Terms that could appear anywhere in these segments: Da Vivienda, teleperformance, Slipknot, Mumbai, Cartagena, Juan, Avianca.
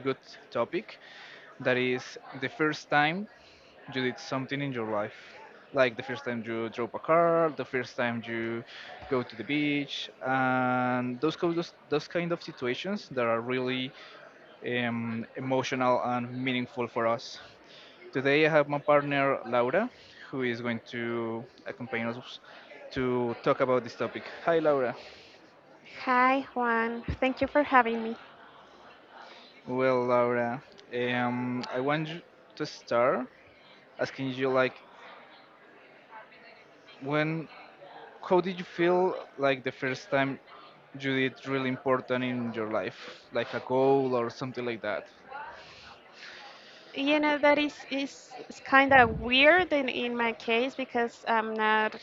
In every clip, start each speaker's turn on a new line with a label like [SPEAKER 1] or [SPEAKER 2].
[SPEAKER 1] good topic, that is the first time you did something in your life, like the first time you drove a car, the first time you go to the beach, and those kind of situations that are really emotional and meaningful for us. Today I have my partner Laura, who is going to accompany us to talk about this topic. Hi, Laura.
[SPEAKER 2] Hi, Juan. Thank you for having me.
[SPEAKER 1] Well, Laura, I want you to start asking you, like, when, how did you feel like the first time you did really important in your life, like a goal or something like that?
[SPEAKER 2] That is kind of weird in my case because I'm not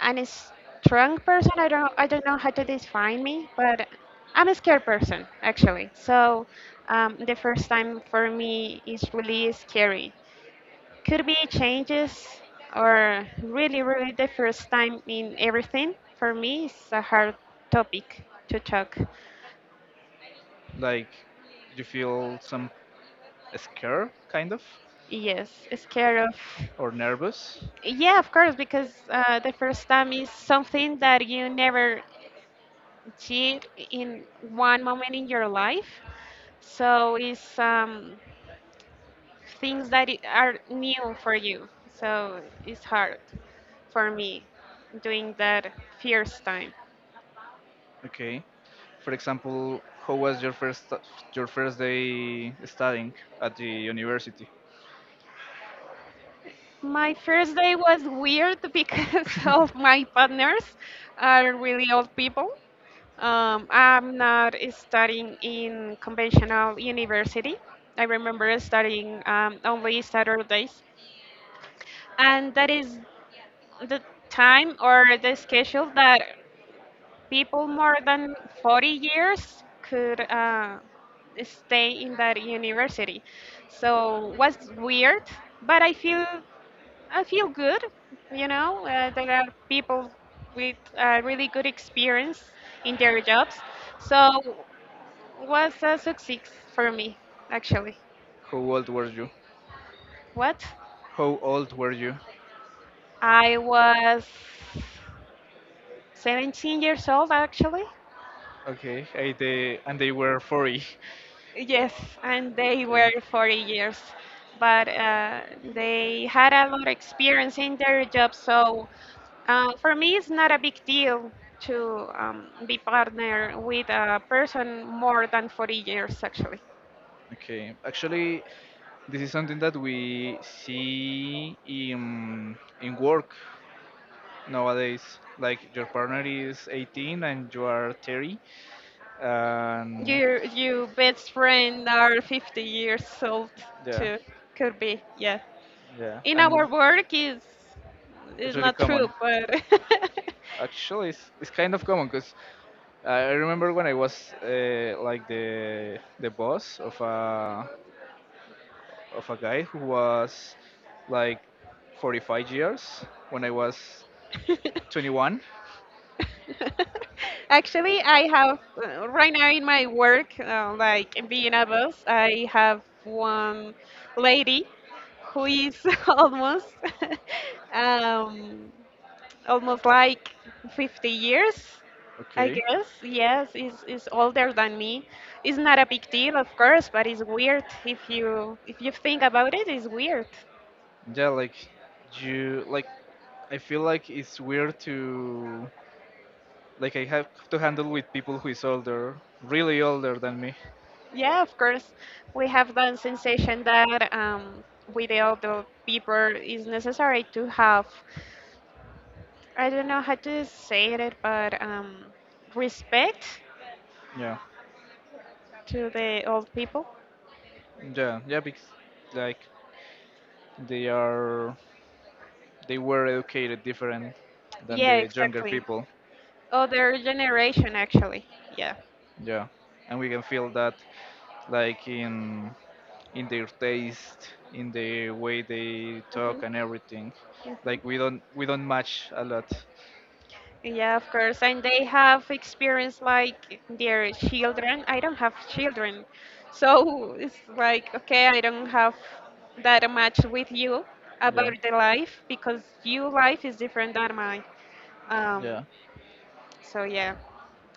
[SPEAKER 2] an strong person. I don't know how to define me, but I'm a scared person, actually. So the first time for me is really scary. Could be changes or really, really the first time in everything. For me, it's a hard topic to talk.
[SPEAKER 1] Like, you feel some scare, kind of,
[SPEAKER 2] Yes, scared of,
[SPEAKER 1] or nervous?
[SPEAKER 2] yeah, of course, because the first time is something that you never did in one moment in your life. So it's things that are new for you. So it's hard for me doing that first time.
[SPEAKER 1] Okay. For example, how was your first day studying at the university?
[SPEAKER 2] My first day was weird because all my partners are really old people. I'm not studying in conventional university. I remember studying only Saturdays, and that is the time or the schedule that people more than 40 years could stay in that university. So was weird, but I feel good. There are people with really good experience in their jobs. So was a success for me, actually.
[SPEAKER 1] How old were you?
[SPEAKER 2] What?
[SPEAKER 1] How old were you?
[SPEAKER 2] I was 17 years old, actually.
[SPEAKER 1] Okay, I, they, and they were 40.
[SPEAKER 2] Yes, and they
[SPEAKER 1] Okay.
[SPEAKER 2] were 40 years. But they had a lot of experience in their job, so for me, it's not a big deal to be partner with a person more than 40 years, actually.
[SPEAKER 1] Okay, actually, this is something that we see in work nowadays. Like your partner is 18 and you are 30, and
[SPEAKER 2] Your best friend are 50 years old,
[SPEAKER 1] yeah,
[SPEAKER 2] too. Could be, yeah.
[SPEAKER 1] yeah,
[SPEAKER 2] In
[SPEAKER 1] and
[SPEAKER 2] our work
[SPEAKER 1] it's
[SPEAKER 2] is
[SPEAKER 1] really
[SPEAKER 2] not true,
[SPEAKER 1] common.
[SPEAKER 2] but
[SPEAKER 1] Actually, it's kind of common, because I remember when I was like the boss of a guy who was like 45 years when I was 21.
[SPEAKER 2] actually, I have right now in my work, like being a boss, I have one lady who is almost um, almost like 50 years. I
[SPEAKER 1] Okay.
[SPEAKER 2] guess, yes, is older than me. It's not a big deal, of course, but it's weird if you think about it. It's weird.
[SPEAKER 1] Yeah, like you, like I feel like it's weird to, like, I have to handle with people who is older, really older than me.
[SPEAKER 2] Yeah, of course. We have that sensation that with the older people, it's necessary to have, I don't know how to say it, but respect
[SPEAKER 1] Yeah,
[SPEAKER 2] to the old people.
[SPEAKER 1] yeah, yeah. Because like they are, they were educated different than
[SPEAKER 2] Yeah,
[SPEAKER 1] the younger
[SPEAKER 2] exactly.
[SPEAKER 1] people.
[SPEAKER 2] Other generation, actually. Yeah.
[SPEAKER 1] Yeah, and we can feel that like in their taste, in the way they
[SPEAKER 2] Hmm.
[SPEAKER 1] talk and everything. Like we don't match a lot.
[SPEAKER 2] Yeah, of course. And they have experience like their children. I don't have children. So it's like, okay, I don't have that much with you about
[SPEAKER 1] Yeah,
[SPEAKER 2] the life because your life is different than mine.
[SPEAKER 1] yeah.
[SPEAKER 2] Um, so yeah,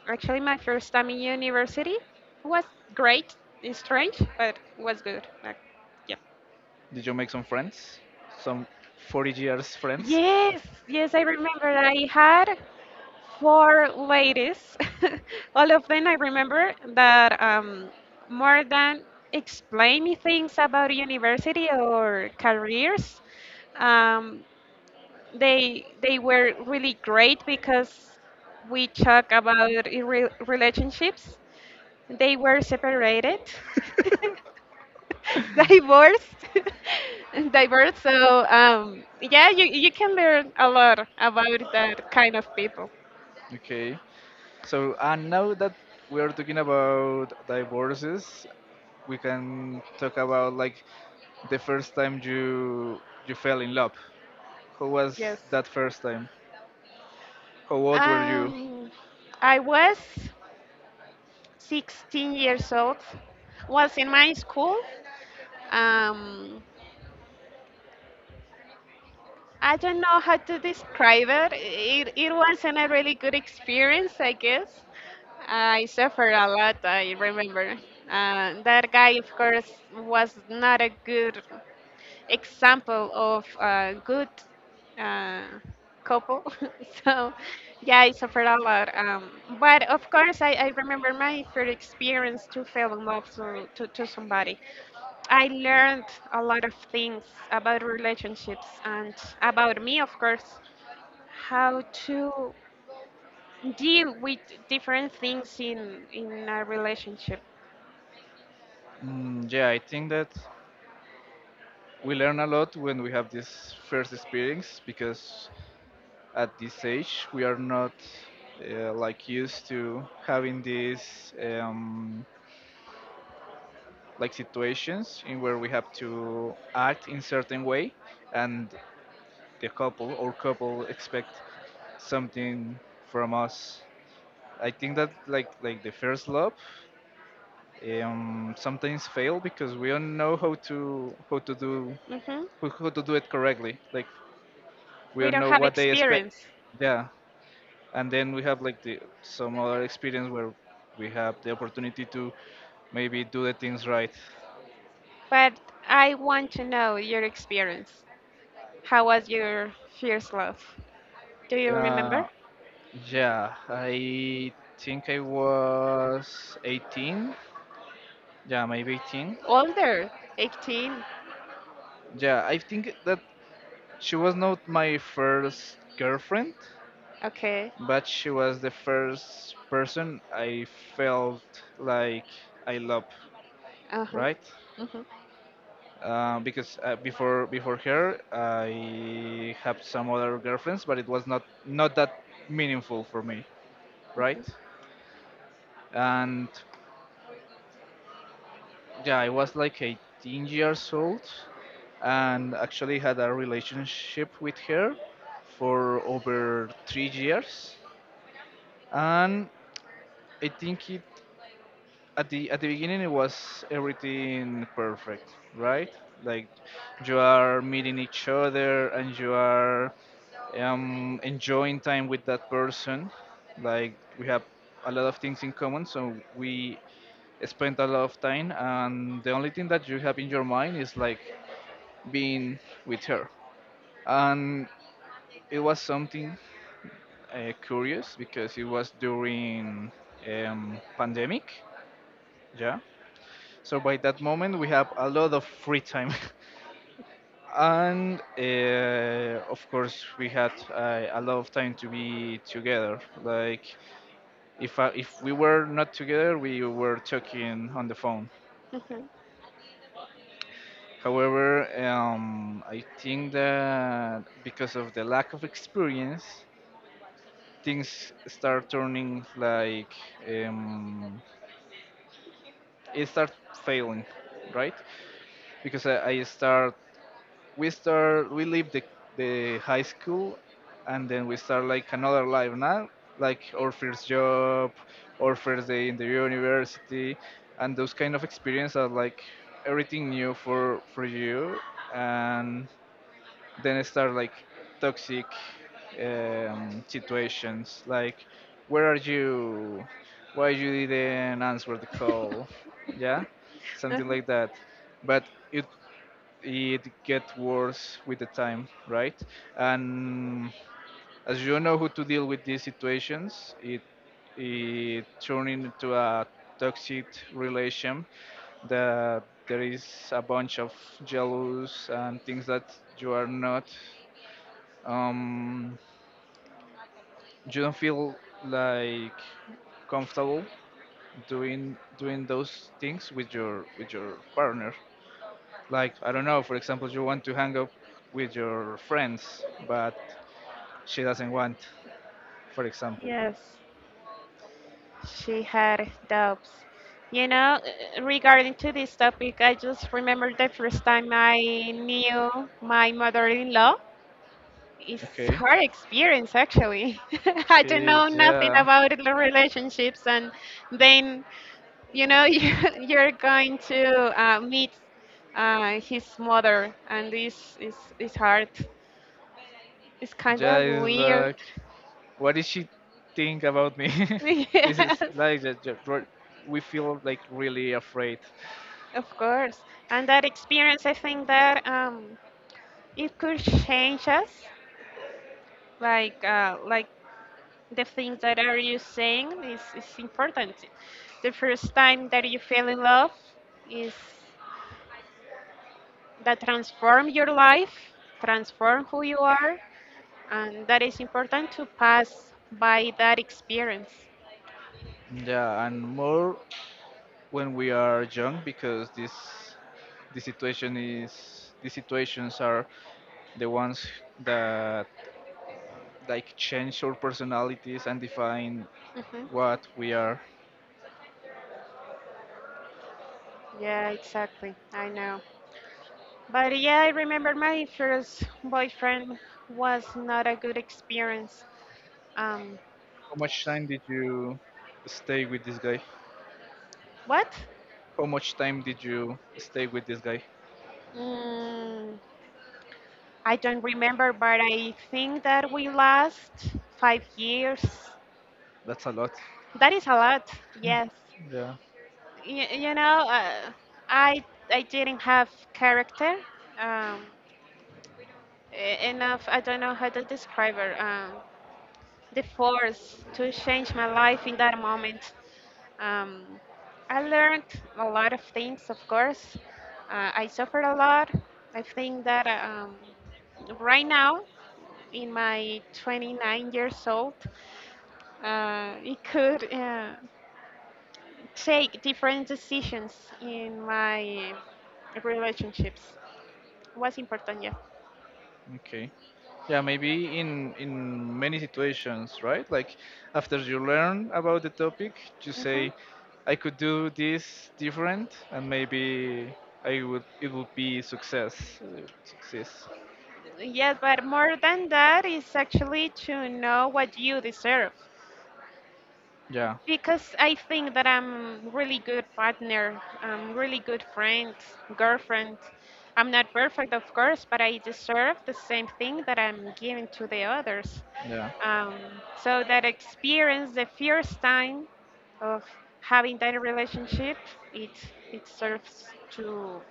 [SPEAKER 2] actually, my first time in university was great. It's strange, but was good. Like, yeah.
[SPEAKER 1] Did you make some friends? Some 40 years friends?
[SPEAKER 2] Yes, yes, I remember. I had 4 ladies. All of them, I remember that more than explaining things about university or careers, um, they were really great because we talk about relationships. They were separated,
[SPEAKER 1] I
[SPEAKER 2] divorced, divorced. So yeah, you can learn a lot about that kind of people.
[SPEAKER 1] okay. So, and now that we are talking about divorces, we can talk about like the first time you fell in love. How was
[SPEAKER 2] Yes.
[SPEAKER 1] that first time? How old were you?
[SPEAKER 2] Um, I was 16 years old, was in my school. Um, I don't know how to describe it. It wasn't a really good experience, I guess. I suffered a lot, I remember. That guy, of course, was not a good example of a good uh, couple. So, yeah, I suffered a lot. But of course, I remember my first experience to fall in love to somebody. I learned a lot of things about relationships and about me, of course, how to deal with different things in a relationship.
[SPEAKER 1] Mm, yeah, I think that we learn a lot when we have this first experience, because at this age we are not like used to having these like situations in where we have to act in certain way, and the couple or couple expect something from us. I think that, like the first love, sometimes fail because we don't know
[SPEAKER 2] Hmm.
[SPEAKER 1] how to do it correctly. Like we
[SPEAKER 2] We
[SPEAKER 1] don't
[SPEAKER 2] don't
[SPEAKER 1] know
[SPEAKER 2] have
[SPEAKER 1] what they expect.
[SPEAKER 2] experience,
[SPEAKER 1] Yeah. And then we have like the some other experience where we have the opportunity to maybe do the things right.
[SPEAKER 2] but I want to know your experience. How was your first love? Do you remember?
[SPEAKER 1] uh, yeah, I think I was 18. Yeah, maybe 18.
[SPEAKER 2] Older, 18.
[SPEAKER 1] Yeah, I think that she was not my first girlfriend,
[SPEAKER 2] Okay.
[SPEAKER 1] but she was the first person I felt like I love,
[SPEAKER 2] Uh-huh.
[SPEAKER 1] right?
[SPEAKER 2] Mhm,
[SPEAKER 1] Because before her I had some other girlfriends, but it was not that meaningful for me, right? And yeah, I was like 18 years old, and actually had a relationship with her for over 3 years. And I think it at the beginning it was everything perfect, right? Like you are meeting each other and you are enjoying time with that person. Like we have a lot of things in common, so we spent a lot of time. And the only thing that you have in your mind is like being with her. And it was something curious, because it was during pandemic. Yeah. So by that moment we have a lot of free time. And of course, we had a lot of time to be together. Like if I, if we were not together, we were talking on the phone.
[SPEAKER 2] mhm,
[SPEAKER 1] However, I think that because of the lack of experience, things start turning like um, it start failing, right? Because I start we leave the high school, and then we start like another life now, like our first job, our first day in the university. And those kind of experiences are like everything new for you, and then it start like toxic situations, like, where are you, why you didn't answer the call, yeah, something
[SPEAKER 2] mhm.
[SPEAKER 1] like that. But it it gets worse with the time, right? And as you know how to deal with these situations, it turn into a toxic relation that there is a bunch of jealous and things that you are not um, you don't feel like comfortable doing those things with your partner. Like, I don't know, for example, you want to hang up with your friends, but she doesn't want, for example.
[SPEAKER 2] Yes, she had doubts. Regarding to this topic, I just remember the first time I knew my mother-in-law. It's
[SPEAKER 1] Okay.
[SPEAKER 2] her experience, actually. I don't
[SPEAKER 1] She's,
[SPEAKER 2] know nothing
[SPEAKER 1] yeah.
[SPEAKER 2] about the relationships, and then you know you, you're going to meet his mother and this is hard. It's kind
[SPEAKER 1] Yeah,
[SPEAKER 2] of
[SPEAKER 1] it's
[SPEAKER 2] weird.
[SPEAKER 1] like, what did she think about me? This is
[SPEAKER 2] Yes,
[SPEAKER 1] like, we feel like really afraid.
[SPEAKER 2] of course, and that experience, I think that it could change us like the things that are you saying is important. The first time that you fell in love is that transform your life, transform who you are, and that is important to pass by that experience.
[SPEAKER 1] Yeah, and more when we are young, because this the situation is the situations are the ones that like change our personalities and define
[SPEAKER 2] Hmm.
[SPEAKER 1] what we are.
[SPEAKER 2] Yeah, exactly. I know. But yeah, I remember my first boyfriend was not a good experience. Um,
[SPEAKER 1] How much time did you stay with this guy?
[SPEAKER 2] what?
[SPEAKER 1] How much time did you stay with this guy?
[SPEAKER 2] Mm, I don't remember, but I think that we last 5 years.
[SPEAKER 1] That's a lot.
[SPEAKER 2] That is a lot. Yes.
[SPEAKER 1] Yeah.
[SPEAKER 2] Y You know, I I didn't have character. Um, enough. I don't know how to describe her. The force to change my life in that moment. Um, I learned a lot of things, of course. I suffered a lot. I think that right now, in my 29 years old, it could take different decisions in my relationships. Was important, yeah.
[SPEAKER 1] Okay. Yeah, maybe in many situations, right? Like after you learn about the topic, you
[SPEAKER 2] Hmm.
[SPEAKER 1] say, "I could do this different, and maybe I would it would be success." Success.
[SPEAKER 2] Yes, but more than that is actually to know what you deserve.
[SPEAKER 1] Yeah.
[SPEAKER 2] Because I think that I'm really good partner, I'm really good friend, girlfriend. I'm not perfect, of course, but I deserve the same thing that I'm giving to the others.
[SPEAKER 1] Yeah.
[SPEAKER 2] Um, so that experience, the first time of having that relationship, it it serves to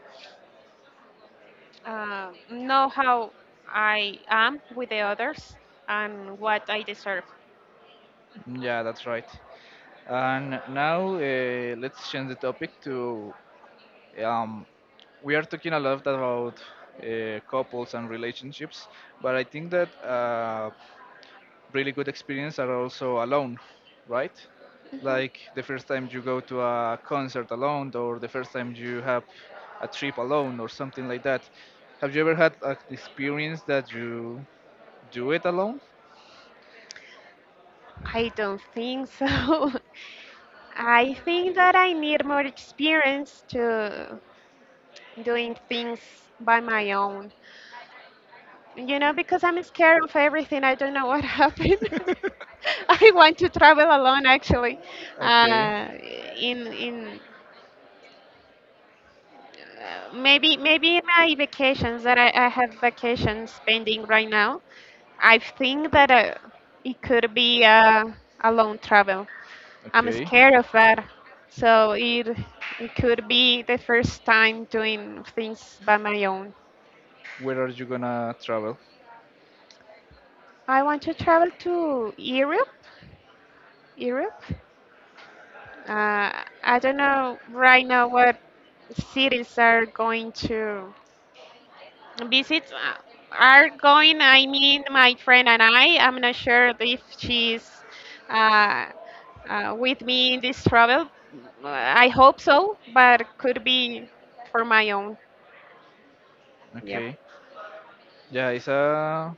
[SPEAKER 2] know how I am with the others and what I deserve.
[SPEAKER 1] Yeah, that's right. And now let's change the topic to um, we are talking a lot about couples and relationships, but I think that really good experience are also alone, right? Like the first time you go to a concert alone, or the first time you have a trip alone, or something like that. Have you ever had an experience that you do it alone?
[SPEAKER 2] I don't think so. I think that I need more experience to doing things by my own. You know, because I'm scared of everything. I don't know what happened. I want to travel alone, actually.
[SPEAKER 1] Okay,
[SPEAKER 2] Uh, in maybe in my vacations that I have vacations pending right now. I think that it could be a long travel. I'm
[SPEAKER 1] okay.
[SPEAKER 2] scared of that. So it could be the first time doing things by my own.
[SPEAKER 1] Where are you gonna travel?
[SPEAKER 2] I want to travel to Europe. Europe. Uh, I don't know right now what cities are going to visit. Are going. I mean, my friend and I. I'm not sure if she's uh, with me in this travel. I hope so, but could be for my own. Yeah.
[SPEAKER 1] Okay. Yeah,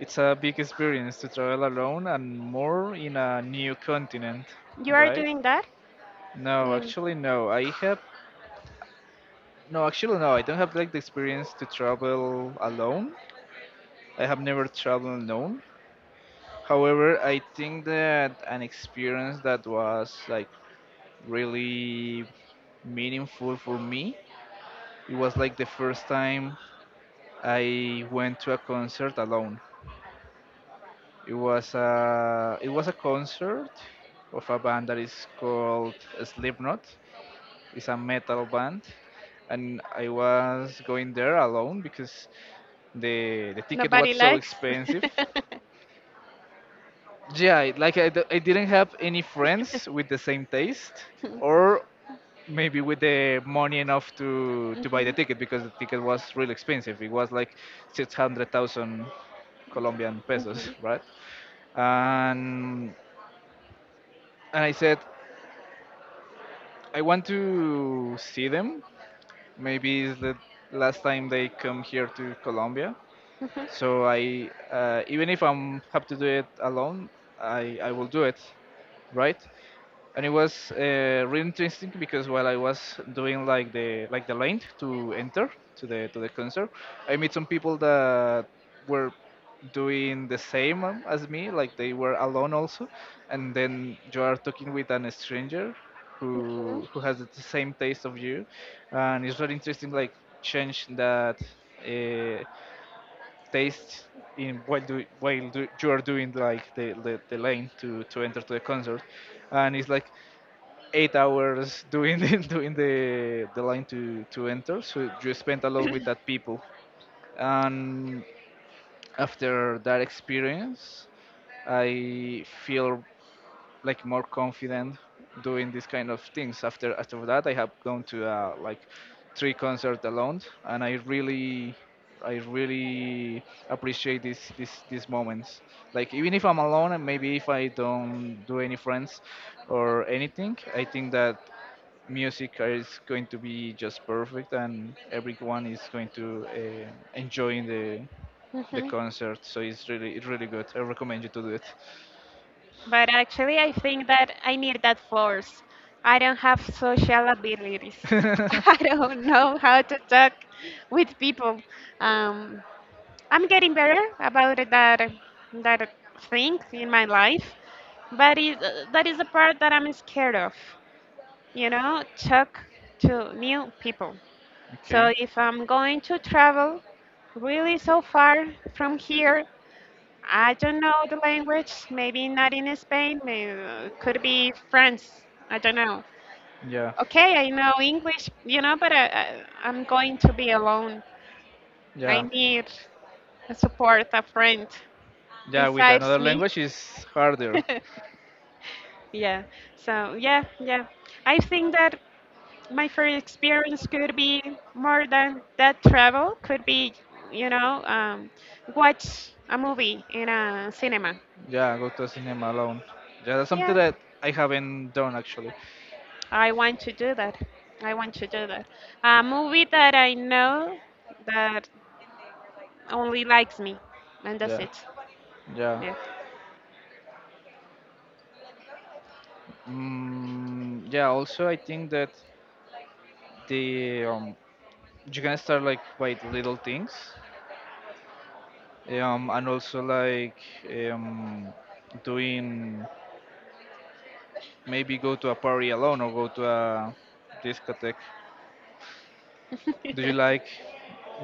[SPEAKER 1] it's a big experience to travel alone, and more in a new continent,
[SPEAKER 2] You are
[SPEAKER 1] right?
[SPEAKER 2] doing that?
[SPEAKER 1] No,
[SPEAKER 2] Mm,
[SPEAKER 1] actually, no. I have no, actually, no. I don't have like the experience to travel alone. I have never traveled alone. However, I think that an experience that was like really meaningful for me, it was like the first time I went to a concert alone. It was a concert of a band that is called Slipknot. It's a metal band, and I was going there alone because the ticket was
[SPEAKER 2] nobody
[SPEAKER 1] so
[SPEAKER 2] likes.
[SPEAKER 1] expensive. Yeah, like I didn't have any friends with the same taste, or maybe with the money enough to buy the
[SPEAKER 2] Mhm,
[SPEAKER 1] ticket, because the ticket was really expensive. It was like 600,000 Colombian pesos,
[SPEAKER 2] mhm,
[SPEAKER 1] right? And I said I want to see them. Maybe it's the last time they come here to Colombia.
[SPEAKER 2] mhm,
[SPEAKER 1] So I, even if I'm have to do it alone, I will do it, right? And it was really interesting, because while I was doing like the line to enter to the concert, I met some people that were doing the same as me, like they were alone also. And then you are talking with an stranger
[SPEAKER 2] mhm,
[SPEAKER 1] who has the same taste of you, and it's really interesting, like, change that uh, taste in while you are doing like the, the lane to enter to the concert, and it's like 8 hours doing doing the line to enter. So you spend alone with that people, and after that experience, I feel like more confident doing these kind of things. After that, I have gone to like three concerts alone, and I really. I really appreciate these moments. Like even if I'm alone, and maybe if I don't do any friends or anything, I think that music is going to be just perfect, and everyone is going to enjoying the
[SPEAKER 2] mhm.
[SPEAKER 1] concert. So it's really, it's really good. I recommend you to do it.
[SPEAKER 2] But actually, I think that I need that force. I don't have social abilities. I don't know how to talk with people. Um, I'm getting better about that thing in my life, but it, that is the part that I'm scared of. You know, talk to new people.
[SPEAKER 1] Okay.
[SPEAKER 2] So if I'm going to travel really so far from here, I don't know the language, maybe not in Spain, maybe, could be France, I don't know.
[SPEAKER 1] Yeah,
[SPEAKER 2] Okay, I know English, you know, but I'm going to be alone. I
[SPEAKER 1] yeah,
[SPEAKER 2] need a support, a friend
[SPEAKER 1] yeah, with
[SPEAKER 2] besides
[SPEAKER 1] another
[SPEAKER 2] me.
[SPEAKER 1] language is harder.
[SPEAKER 2] Yeah, so yeah, yeah. I think that my first experience could be more than that travel, could be, you know um, watch a movie in a cinema.
[SPEAKER 1] Yeah, go to a cinema alone. Yeah, that's something
[SPEAKER 2] Yeah,
[SPEAKER 1] that I haven't done actually.
[SPEAKER 2] I want to do that. I want to do that, a movie that I know that only likes me, and that's
[SPEAKER 1] Yeah,
[SPEAKER 2] it.
[SPEAKER 1] yeah.
[SPEAKER 2] Yeah.
[SPEAKER 1] Mm, yeah, also I think that the you can start like by little things, and also like, um, doing, maybe go to a party alone, or go to a discotheque, do you like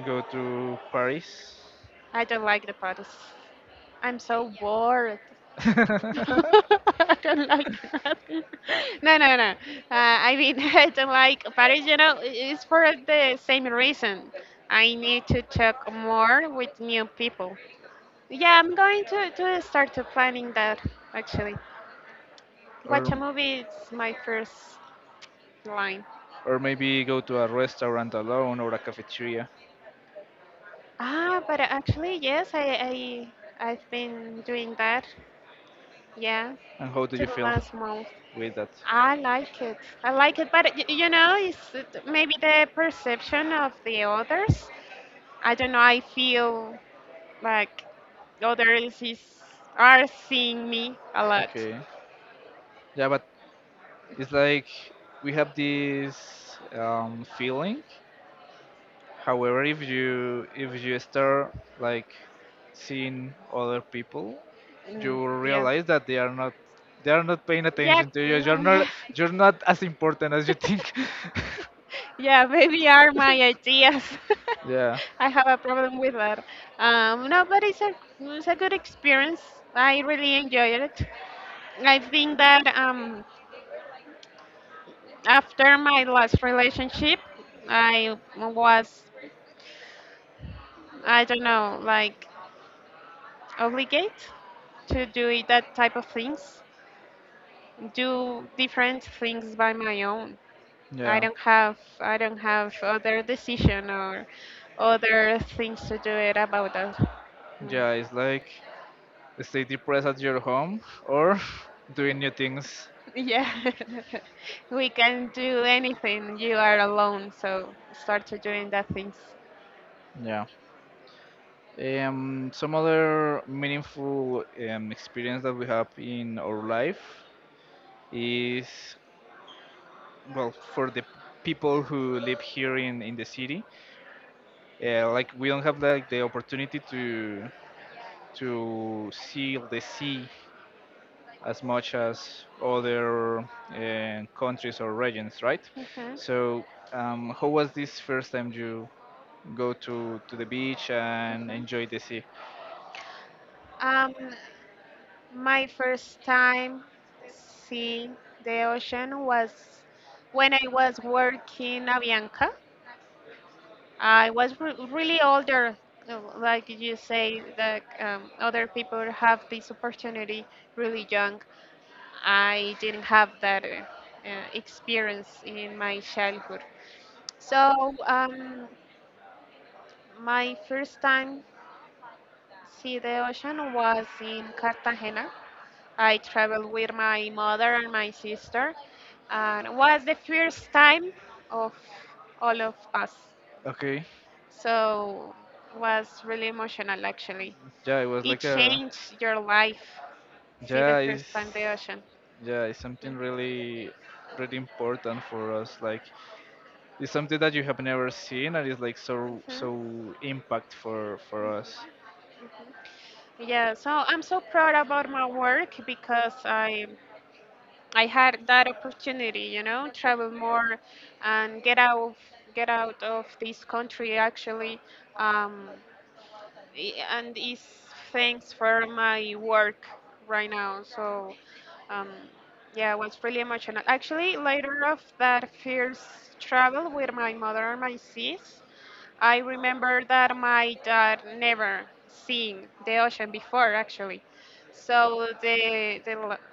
[SPEAKER 1] go to Paris?
[SPEAKER 2] I don't like the parties, I'm so bored. I don't like nothing. No, no, no. I mean, I don't like Paris, you know, it's for the same reason. I need to talk more with new people. Yeah, I'm going to start to planning that, actually. Watch a
[SPEAKER 1] or
[SPEAKER 2] movie, it's my first line.
[SPEAKER 1] or maybe go to a restaurant alone, or a cafeteria.
[SPEAKER 2] Ah, but actually, yes, I've been doing that, yeah,
[SPEAKER 1] And how do
[SPEAKER 2] to
[SPEAKER 1] you
[SPEAKER 2] the
[SPEAKER 1] feel
[SPEAKER 2] last month.
[SPEAKER 1] with that?
[SPEAKER 2] I like it. I like it, but you know, maybe the perception of the others. I don't know. I feel like others is are seeing me a lot.
[SPEAKER 1] Okay, yeah, but it's like we have this feeling. However, if you, if you start like seeing other people, you
[SPEAKER 2] Mm,
[SPEAKER 1] will
[SPEAKER 2] yeah,
[SPEAKER 1] realize that they are not paying
[SPEAKER 2] yeah,
[SPEAKER 1] attention to you. You're
[SPEAKER 2] no, yeah,
[SPEAKER 1] not you're not as important as you think.
[SPEAKER 2] yeah. Maybe are my ideas.
[SPEAKER 1] Yeah,
[SPEAKER 2] I have a problem with that. No, but it's a good experience. I really enjoyed it. I think that after my last relationship, I was, I don't know, like obligate to do it that type of things, do different things by my own. I
[SPEAKER 1] yeah,
[SPEAKER 2] don't have, other decision or other things to do it about that. Mm.
[SPEAKER 1] yeah. It's like stay depressed at your home or doing new things.
[SPEAKER 2] Yeah, we can do anything. You are alone, so start to doing that things.
[SPEAKER 1] Yeah. Some other meaningful experience that we have in our life is, well, for the people who live here in the city, like we don't have like the opportunity to see the sea as much as other countries or regions, right?
[SPEAKER 2] Hmm.
[SPEAKER 1] So how was this first time you go to the beach and
[SPEAKER 2] Hmm.
[SPEAKER 1] enjoy the sea?
[SPEAKER 2] Um, my first time see the ocean was when I was working Avianca. I was really older, like you say, that other people have this opportunity really young. I didn't have that experience in my childhood. So my first time see the ocean was in Cartagena. I traveled with my mother and my sister, and it was the first time of all of us.
[SPEAKER 1] Okay.
[SPEAKER 2] So was really emotional, actually.
[SPEAKER 1] Yeah, it was
[SPEAKER 2] It
[SPEAKER 1] like a,
[SPEAKER 2] changed your life. See the,
[SPEAKER 1] yeah,
[SPEAKER 2] yeah, first
[SPEAKER 1] it's,
[SPEAKER 2] time the ocean.
[SPEAKER 1] yeah, it's something really really important for us, like it's something that you have never seen and it's like so
[SPEAKER 2] Hmm.
[SPEAKER 1] so impact for us.
[SPEAKER 2] Yeah, so I'm so proud about my work because I had that opportunity, you know, travel more and get out of this country, actually. Um, and it's thanks for my work right now. So, um, yeah, it was really emotional. Actually, later of that first travel with my mother and my sis, I remember that my dad never seen the ocean before, actually. So the la-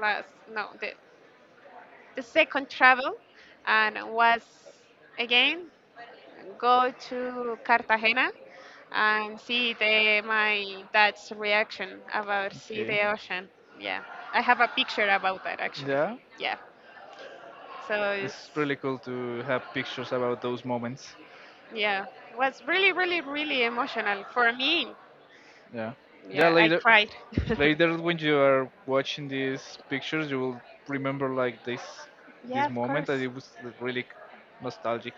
[SPEAKER 2] last no the second travel and was again go to Cartagena and see the my dad's reaction about see
[SPEAKER 1] Okay.
[SPEAKER 2] the ocean. Yeah, I have a picture about that actually.
[SPEAKER 1] Yeah.
[SPEAKER 2] Yeah, so it's
[SPEAKER 1] It's really cool to have pictures about those moments.
[SPEAKER 2] yeah, was really really really emotional for me.
[SPEAKER 1] Yeah. Yeah,
[SPEAKER 2] Yeah, I
[SPEAKER 1] later
[SPEAKER 2] cried.
[SPEAKER 1] later when you are watching these pictures, you will remember like this
[SPEAKER 2] yeah,
[SPEAKER 1] this moment that it was really nostalgic.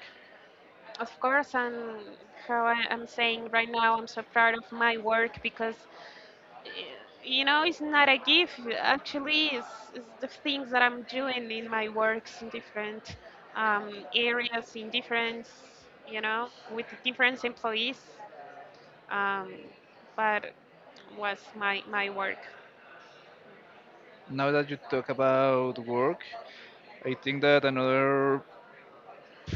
[SPEAKER 2] of course, and how I'm saying right now, I'm so proud of my work because it's not a gift actually it's the things that I'm doing in my works in different areas in different with different employees um, but was my work.
[SPEAKER 1] Now that you talk about work, I think that another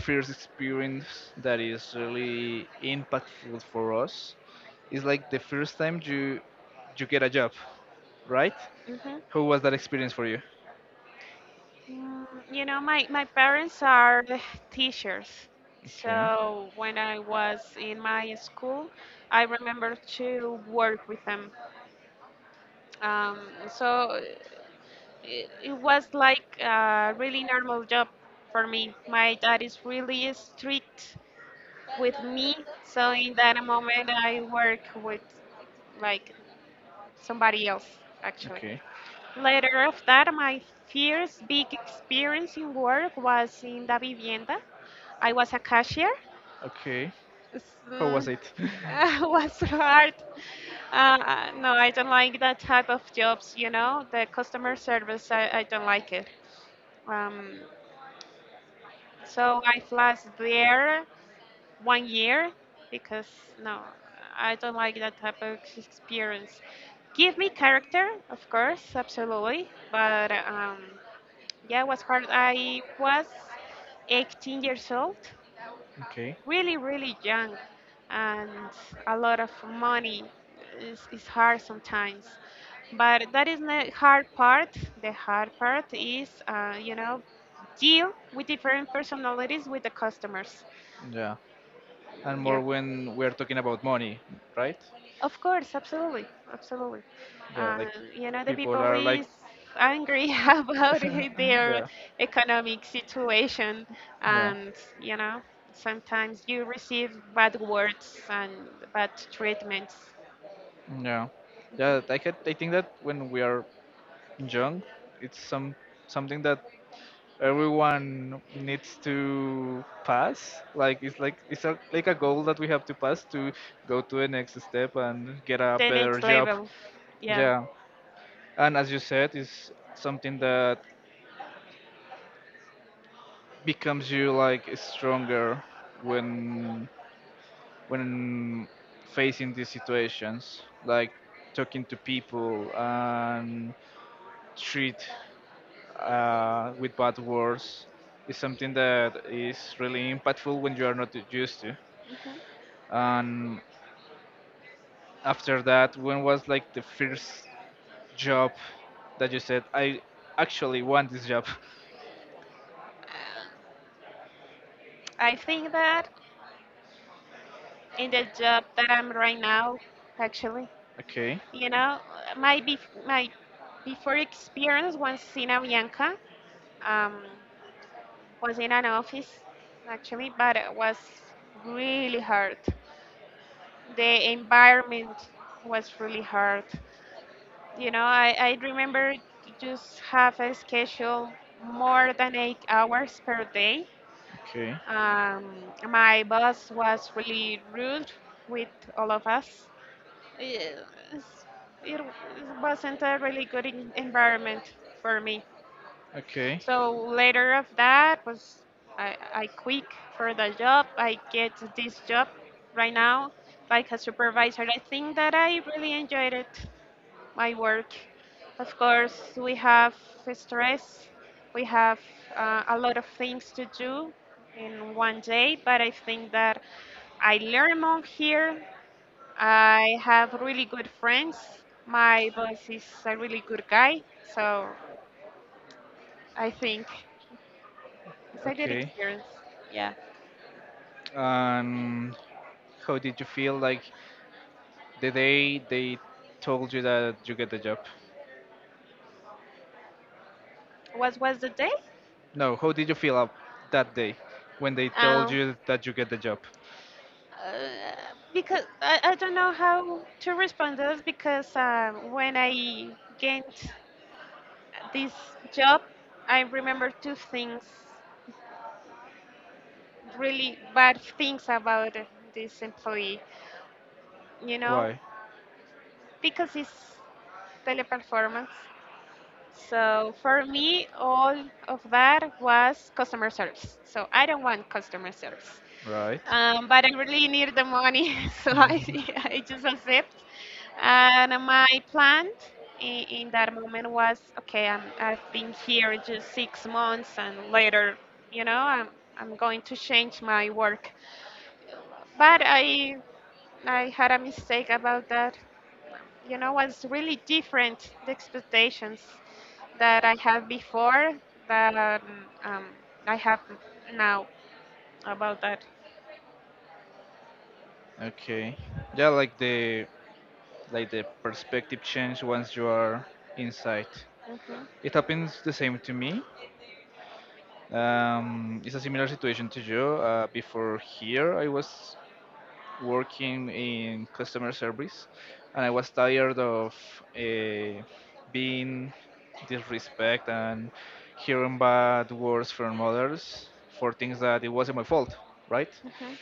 [SPEAKER 1] first experience that is really impactful for us is like the first time you get a job, right?
[SPEAKER 2] hmm
[SPEAKER 1] How was that experience for you?
[SPEAKER 2] mm, my parents are teachers
[SPEAKER 1] Okay,
[SPEAKER 2] so when I was in my school I remember to work with them um, so it was like a really normal job for me. My dad is really strict with me, so in that moment I work with like somebody else actually.
[SPEAKER 1] okay,
[SPEAKER 2] Later of that, my first big experience in work was in Da Vivienda. I was a cashier.
[SPEAKER 1] okay.
[SPEAKER 2] It's,
[SPEAKER 1] How was
[SPEAKER 2] mm,
[SPEAKER 1] it?
[SPEAKER 2] was hard. No, I don't like that type of jobs. You know, the customer service. I don't like it. Um, So I've last there one year because no, I don't like that type of experience. Give me character, of course, absolutely, but yeah, it was hard. I was 18 years old,
[SPEAKER 1] okay,
[SPEAKER 2] really, really young, and a lot of money is hard sometimes. But that is the hard part. The hard part is, deal with different personalities with the customers.
[SPEAKER 1] yeah. And more
[SPEAKER 2] Yeah,
[SPEAKER 1] when we're talking about money, right?
[SPEAKER 2] of course, absolutely, absolutely.
[SPEAKER 1] Yeah,
[SPEAKER 2] Uh,
[SPEAKER 1] like
[SPEAKER 2] the
[SPEAKER 1] people
[SPEAKER 2] people
[SPEAKER 1] are like,
[SPEAKER 2] is angry about it, their
[SPEAKER 1] yeah,
[SPEAKER 2] economic situation,
[SPEAKER 1] yeah,
[SPEAKER 2] and you know, sometimes you receive bad words and bad treatments.
[SPEAKER 1] yeah, yeah. I could, I think that when we are young, it's something that everyone needs to pass. Like it's like a goal that we have to pass to go to the next step and get a
[SPEAKER 2] The
[SPEAKER 1] better
[SPEAKER 2] next
[SPEAKER 1] job.
[SPEAKER 2] level, yeah.
[SPEAKER 1] Yeah, and as you said, it's something that becomes you like stronger when when facing these situations, like talking to people and treat with bad words is something that is really impactful when you are not used to.
[SPEAKER 2] Mhm.
[SPEAKER 1] And after that, when was like the first job that you said, I actually want this job?
[SPEAKER 2] I think that in the job that I'm right now, actually,
[SPEAKER 1] Okay,
[SPEAKER 2] You know, my before experience was in Avianca. Um, was in an office actually, but it was really hard. The environment was really hard. I remember just have a schedule more than 8 hours per day.
[SPEAKER 1] okay,
[SPEAKER 2] Um, my boss was really rude with all of us. Yes, it wasn't a really good environment for me.
[SPEAKER 1] okay,
[SPEAKER 2] So later of that was I quit for the job. I get this job right now like a supervisor. I think that I really enjoyed it, my work. Of course, we have stress. We have a lot of things to do in one day, but I think that I learn more here I have really good friends. My boss is a really good guy, so I think it's a good
[SPEAKER 1] okay.
[SPEAKER 2] experience. Yeah.
[SPEAKER 1] And how did you feel like the day they told you that you get the job?
[SPEAKER 2] What was the day?
[SPEAKER 1] No, how did you feel up that day when they told
[SPEAKER 2] Um,
[SPEAKER 1] you that you get the job?
[SPEAKER 2] uh, because I don't know how to respond to this because when I gained this job, I remember two things, really bad things about this employee. You know,
[SPEAKER 1] Why?
[SPEAKER 2] because it's teleperformance. So for me, all of that was customer service. So I don't want customer service,
[SPEAKER 1] Right.
[SPEAKER 2] but I really need the money, so I just accept. And my plan in that moment was, okay, I've been here just 6 months, and later, you know, I'm I'm going to change my work. But I had a mistake about that was really different the expectations that I had before that um, I have now about that.
[SPEAKER 1] Okay. Yeah, like the perspective change once you are inside.
[SPEAKER 2] Mhm,
[SPEAKER 1] It happens the same to me. It's a similar situation to you. Before here, I was working in customer service, and I was tired of uh, being disrespect and hearing bad words from others for things that it wasn't my fault, right?
[SPEAKER 2] mhm,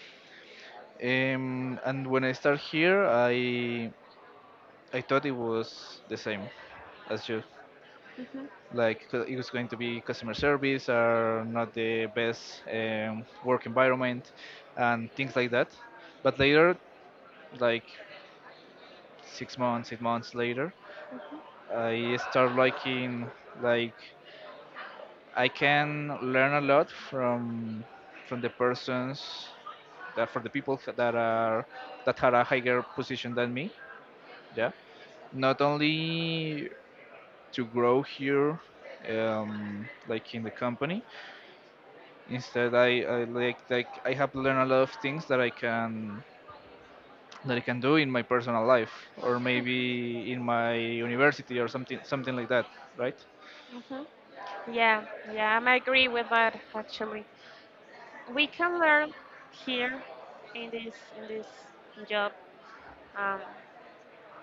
[SPEAKER 1] And when I start here, I thought it was the same as you.
[SPEAKER 2] mhm,
[SPEAKER 1] It was going to be customer service or not the best work environment and things like that. But later, like 6 months, 8 months later, I start liking like I can learn a lot from the persons that for the people that had a higher position than me. Yeah, not only to grow here like in the company. Instead, I like I have learned a lot of things that I can do in my personal life or maybe in my university or something like that, right?
[SPEAKER 2] mhm. Yeah, yeah, I agree with that actually. We can learn here in this job. Um,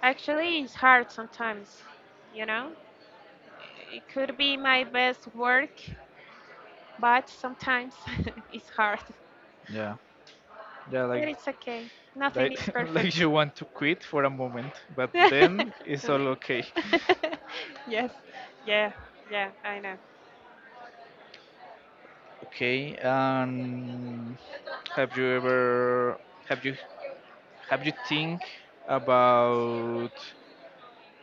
[SPEAKER 2] Actually, it's hard sometimes, you know. It could be my best work, but sometimes it's hard.
[SPEAKER 1] Yeah, yeah,
[SPEAKER 2] But
[SPEAKER 1] like
[SPEAKER 2] it's okay. Nothing
[SPEAKER 1] like,
[SPEAKER 2] is
[SPEAKER 1] like
[SPEAKER 2] perfect.
[SPEAKER 1] you want to quit for a moment but then it's all
[SPEAKER 2] Nothing.
[SPEAKER 1] okay.
[SPEAKER 2] yes. Yeah. Yeah. I know.
[SPEAKER 1] Okay. Um have you ever have you have you think about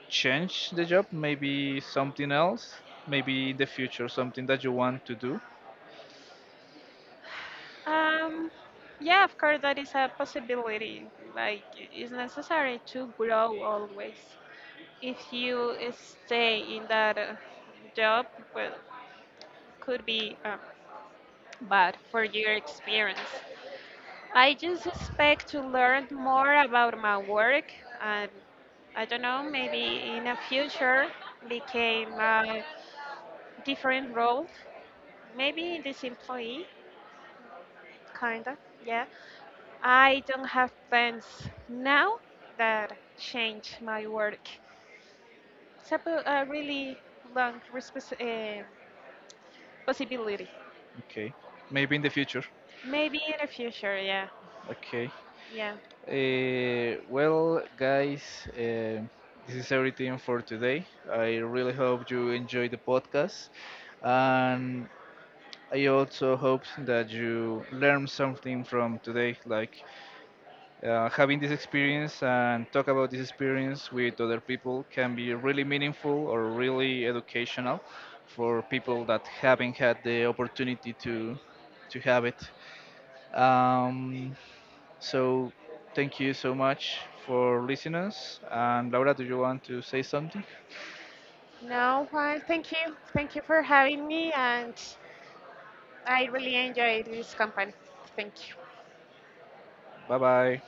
[SPEAKER 1] change the job? Maybe something else? Maybe in the future, something that you want to do?
[SPEAKER 2] Um. Yeah. Of course, that is a possibility. Like, it's necessary to grow always. If you stay in that job, well, could be bad for your experience. I just expect to learn more about my work. And I don't know, maybe in the future became a different role. Maybe this employee, kinda. Yeah. I don't have plans now that change my work. It's a really long possibility.
[SPEAKER 1] Okay. Maybe in the future.
[SPEAKER 2] Maybe in the future. Yeah.
[SPEAKER 1] Okay.
[SPEAKER 2] Yeah.
[SPEAKER 1] Well, guys, uh, this is everything for today. I really hope you enjoy the podcast. And I also hope that you learn something from today. Like, having this experience and talk about this experience with other people can be really meaningful or really educational for people that haven't had the opportunity to have it. Um, so thank you so much for listening us. And Laura, do you want to say something?
[SPEAKER 2] No, well, thank you. Thank you for having me and I really enjoy this company. Thank you.
[SPEAKER 1] Bye bye.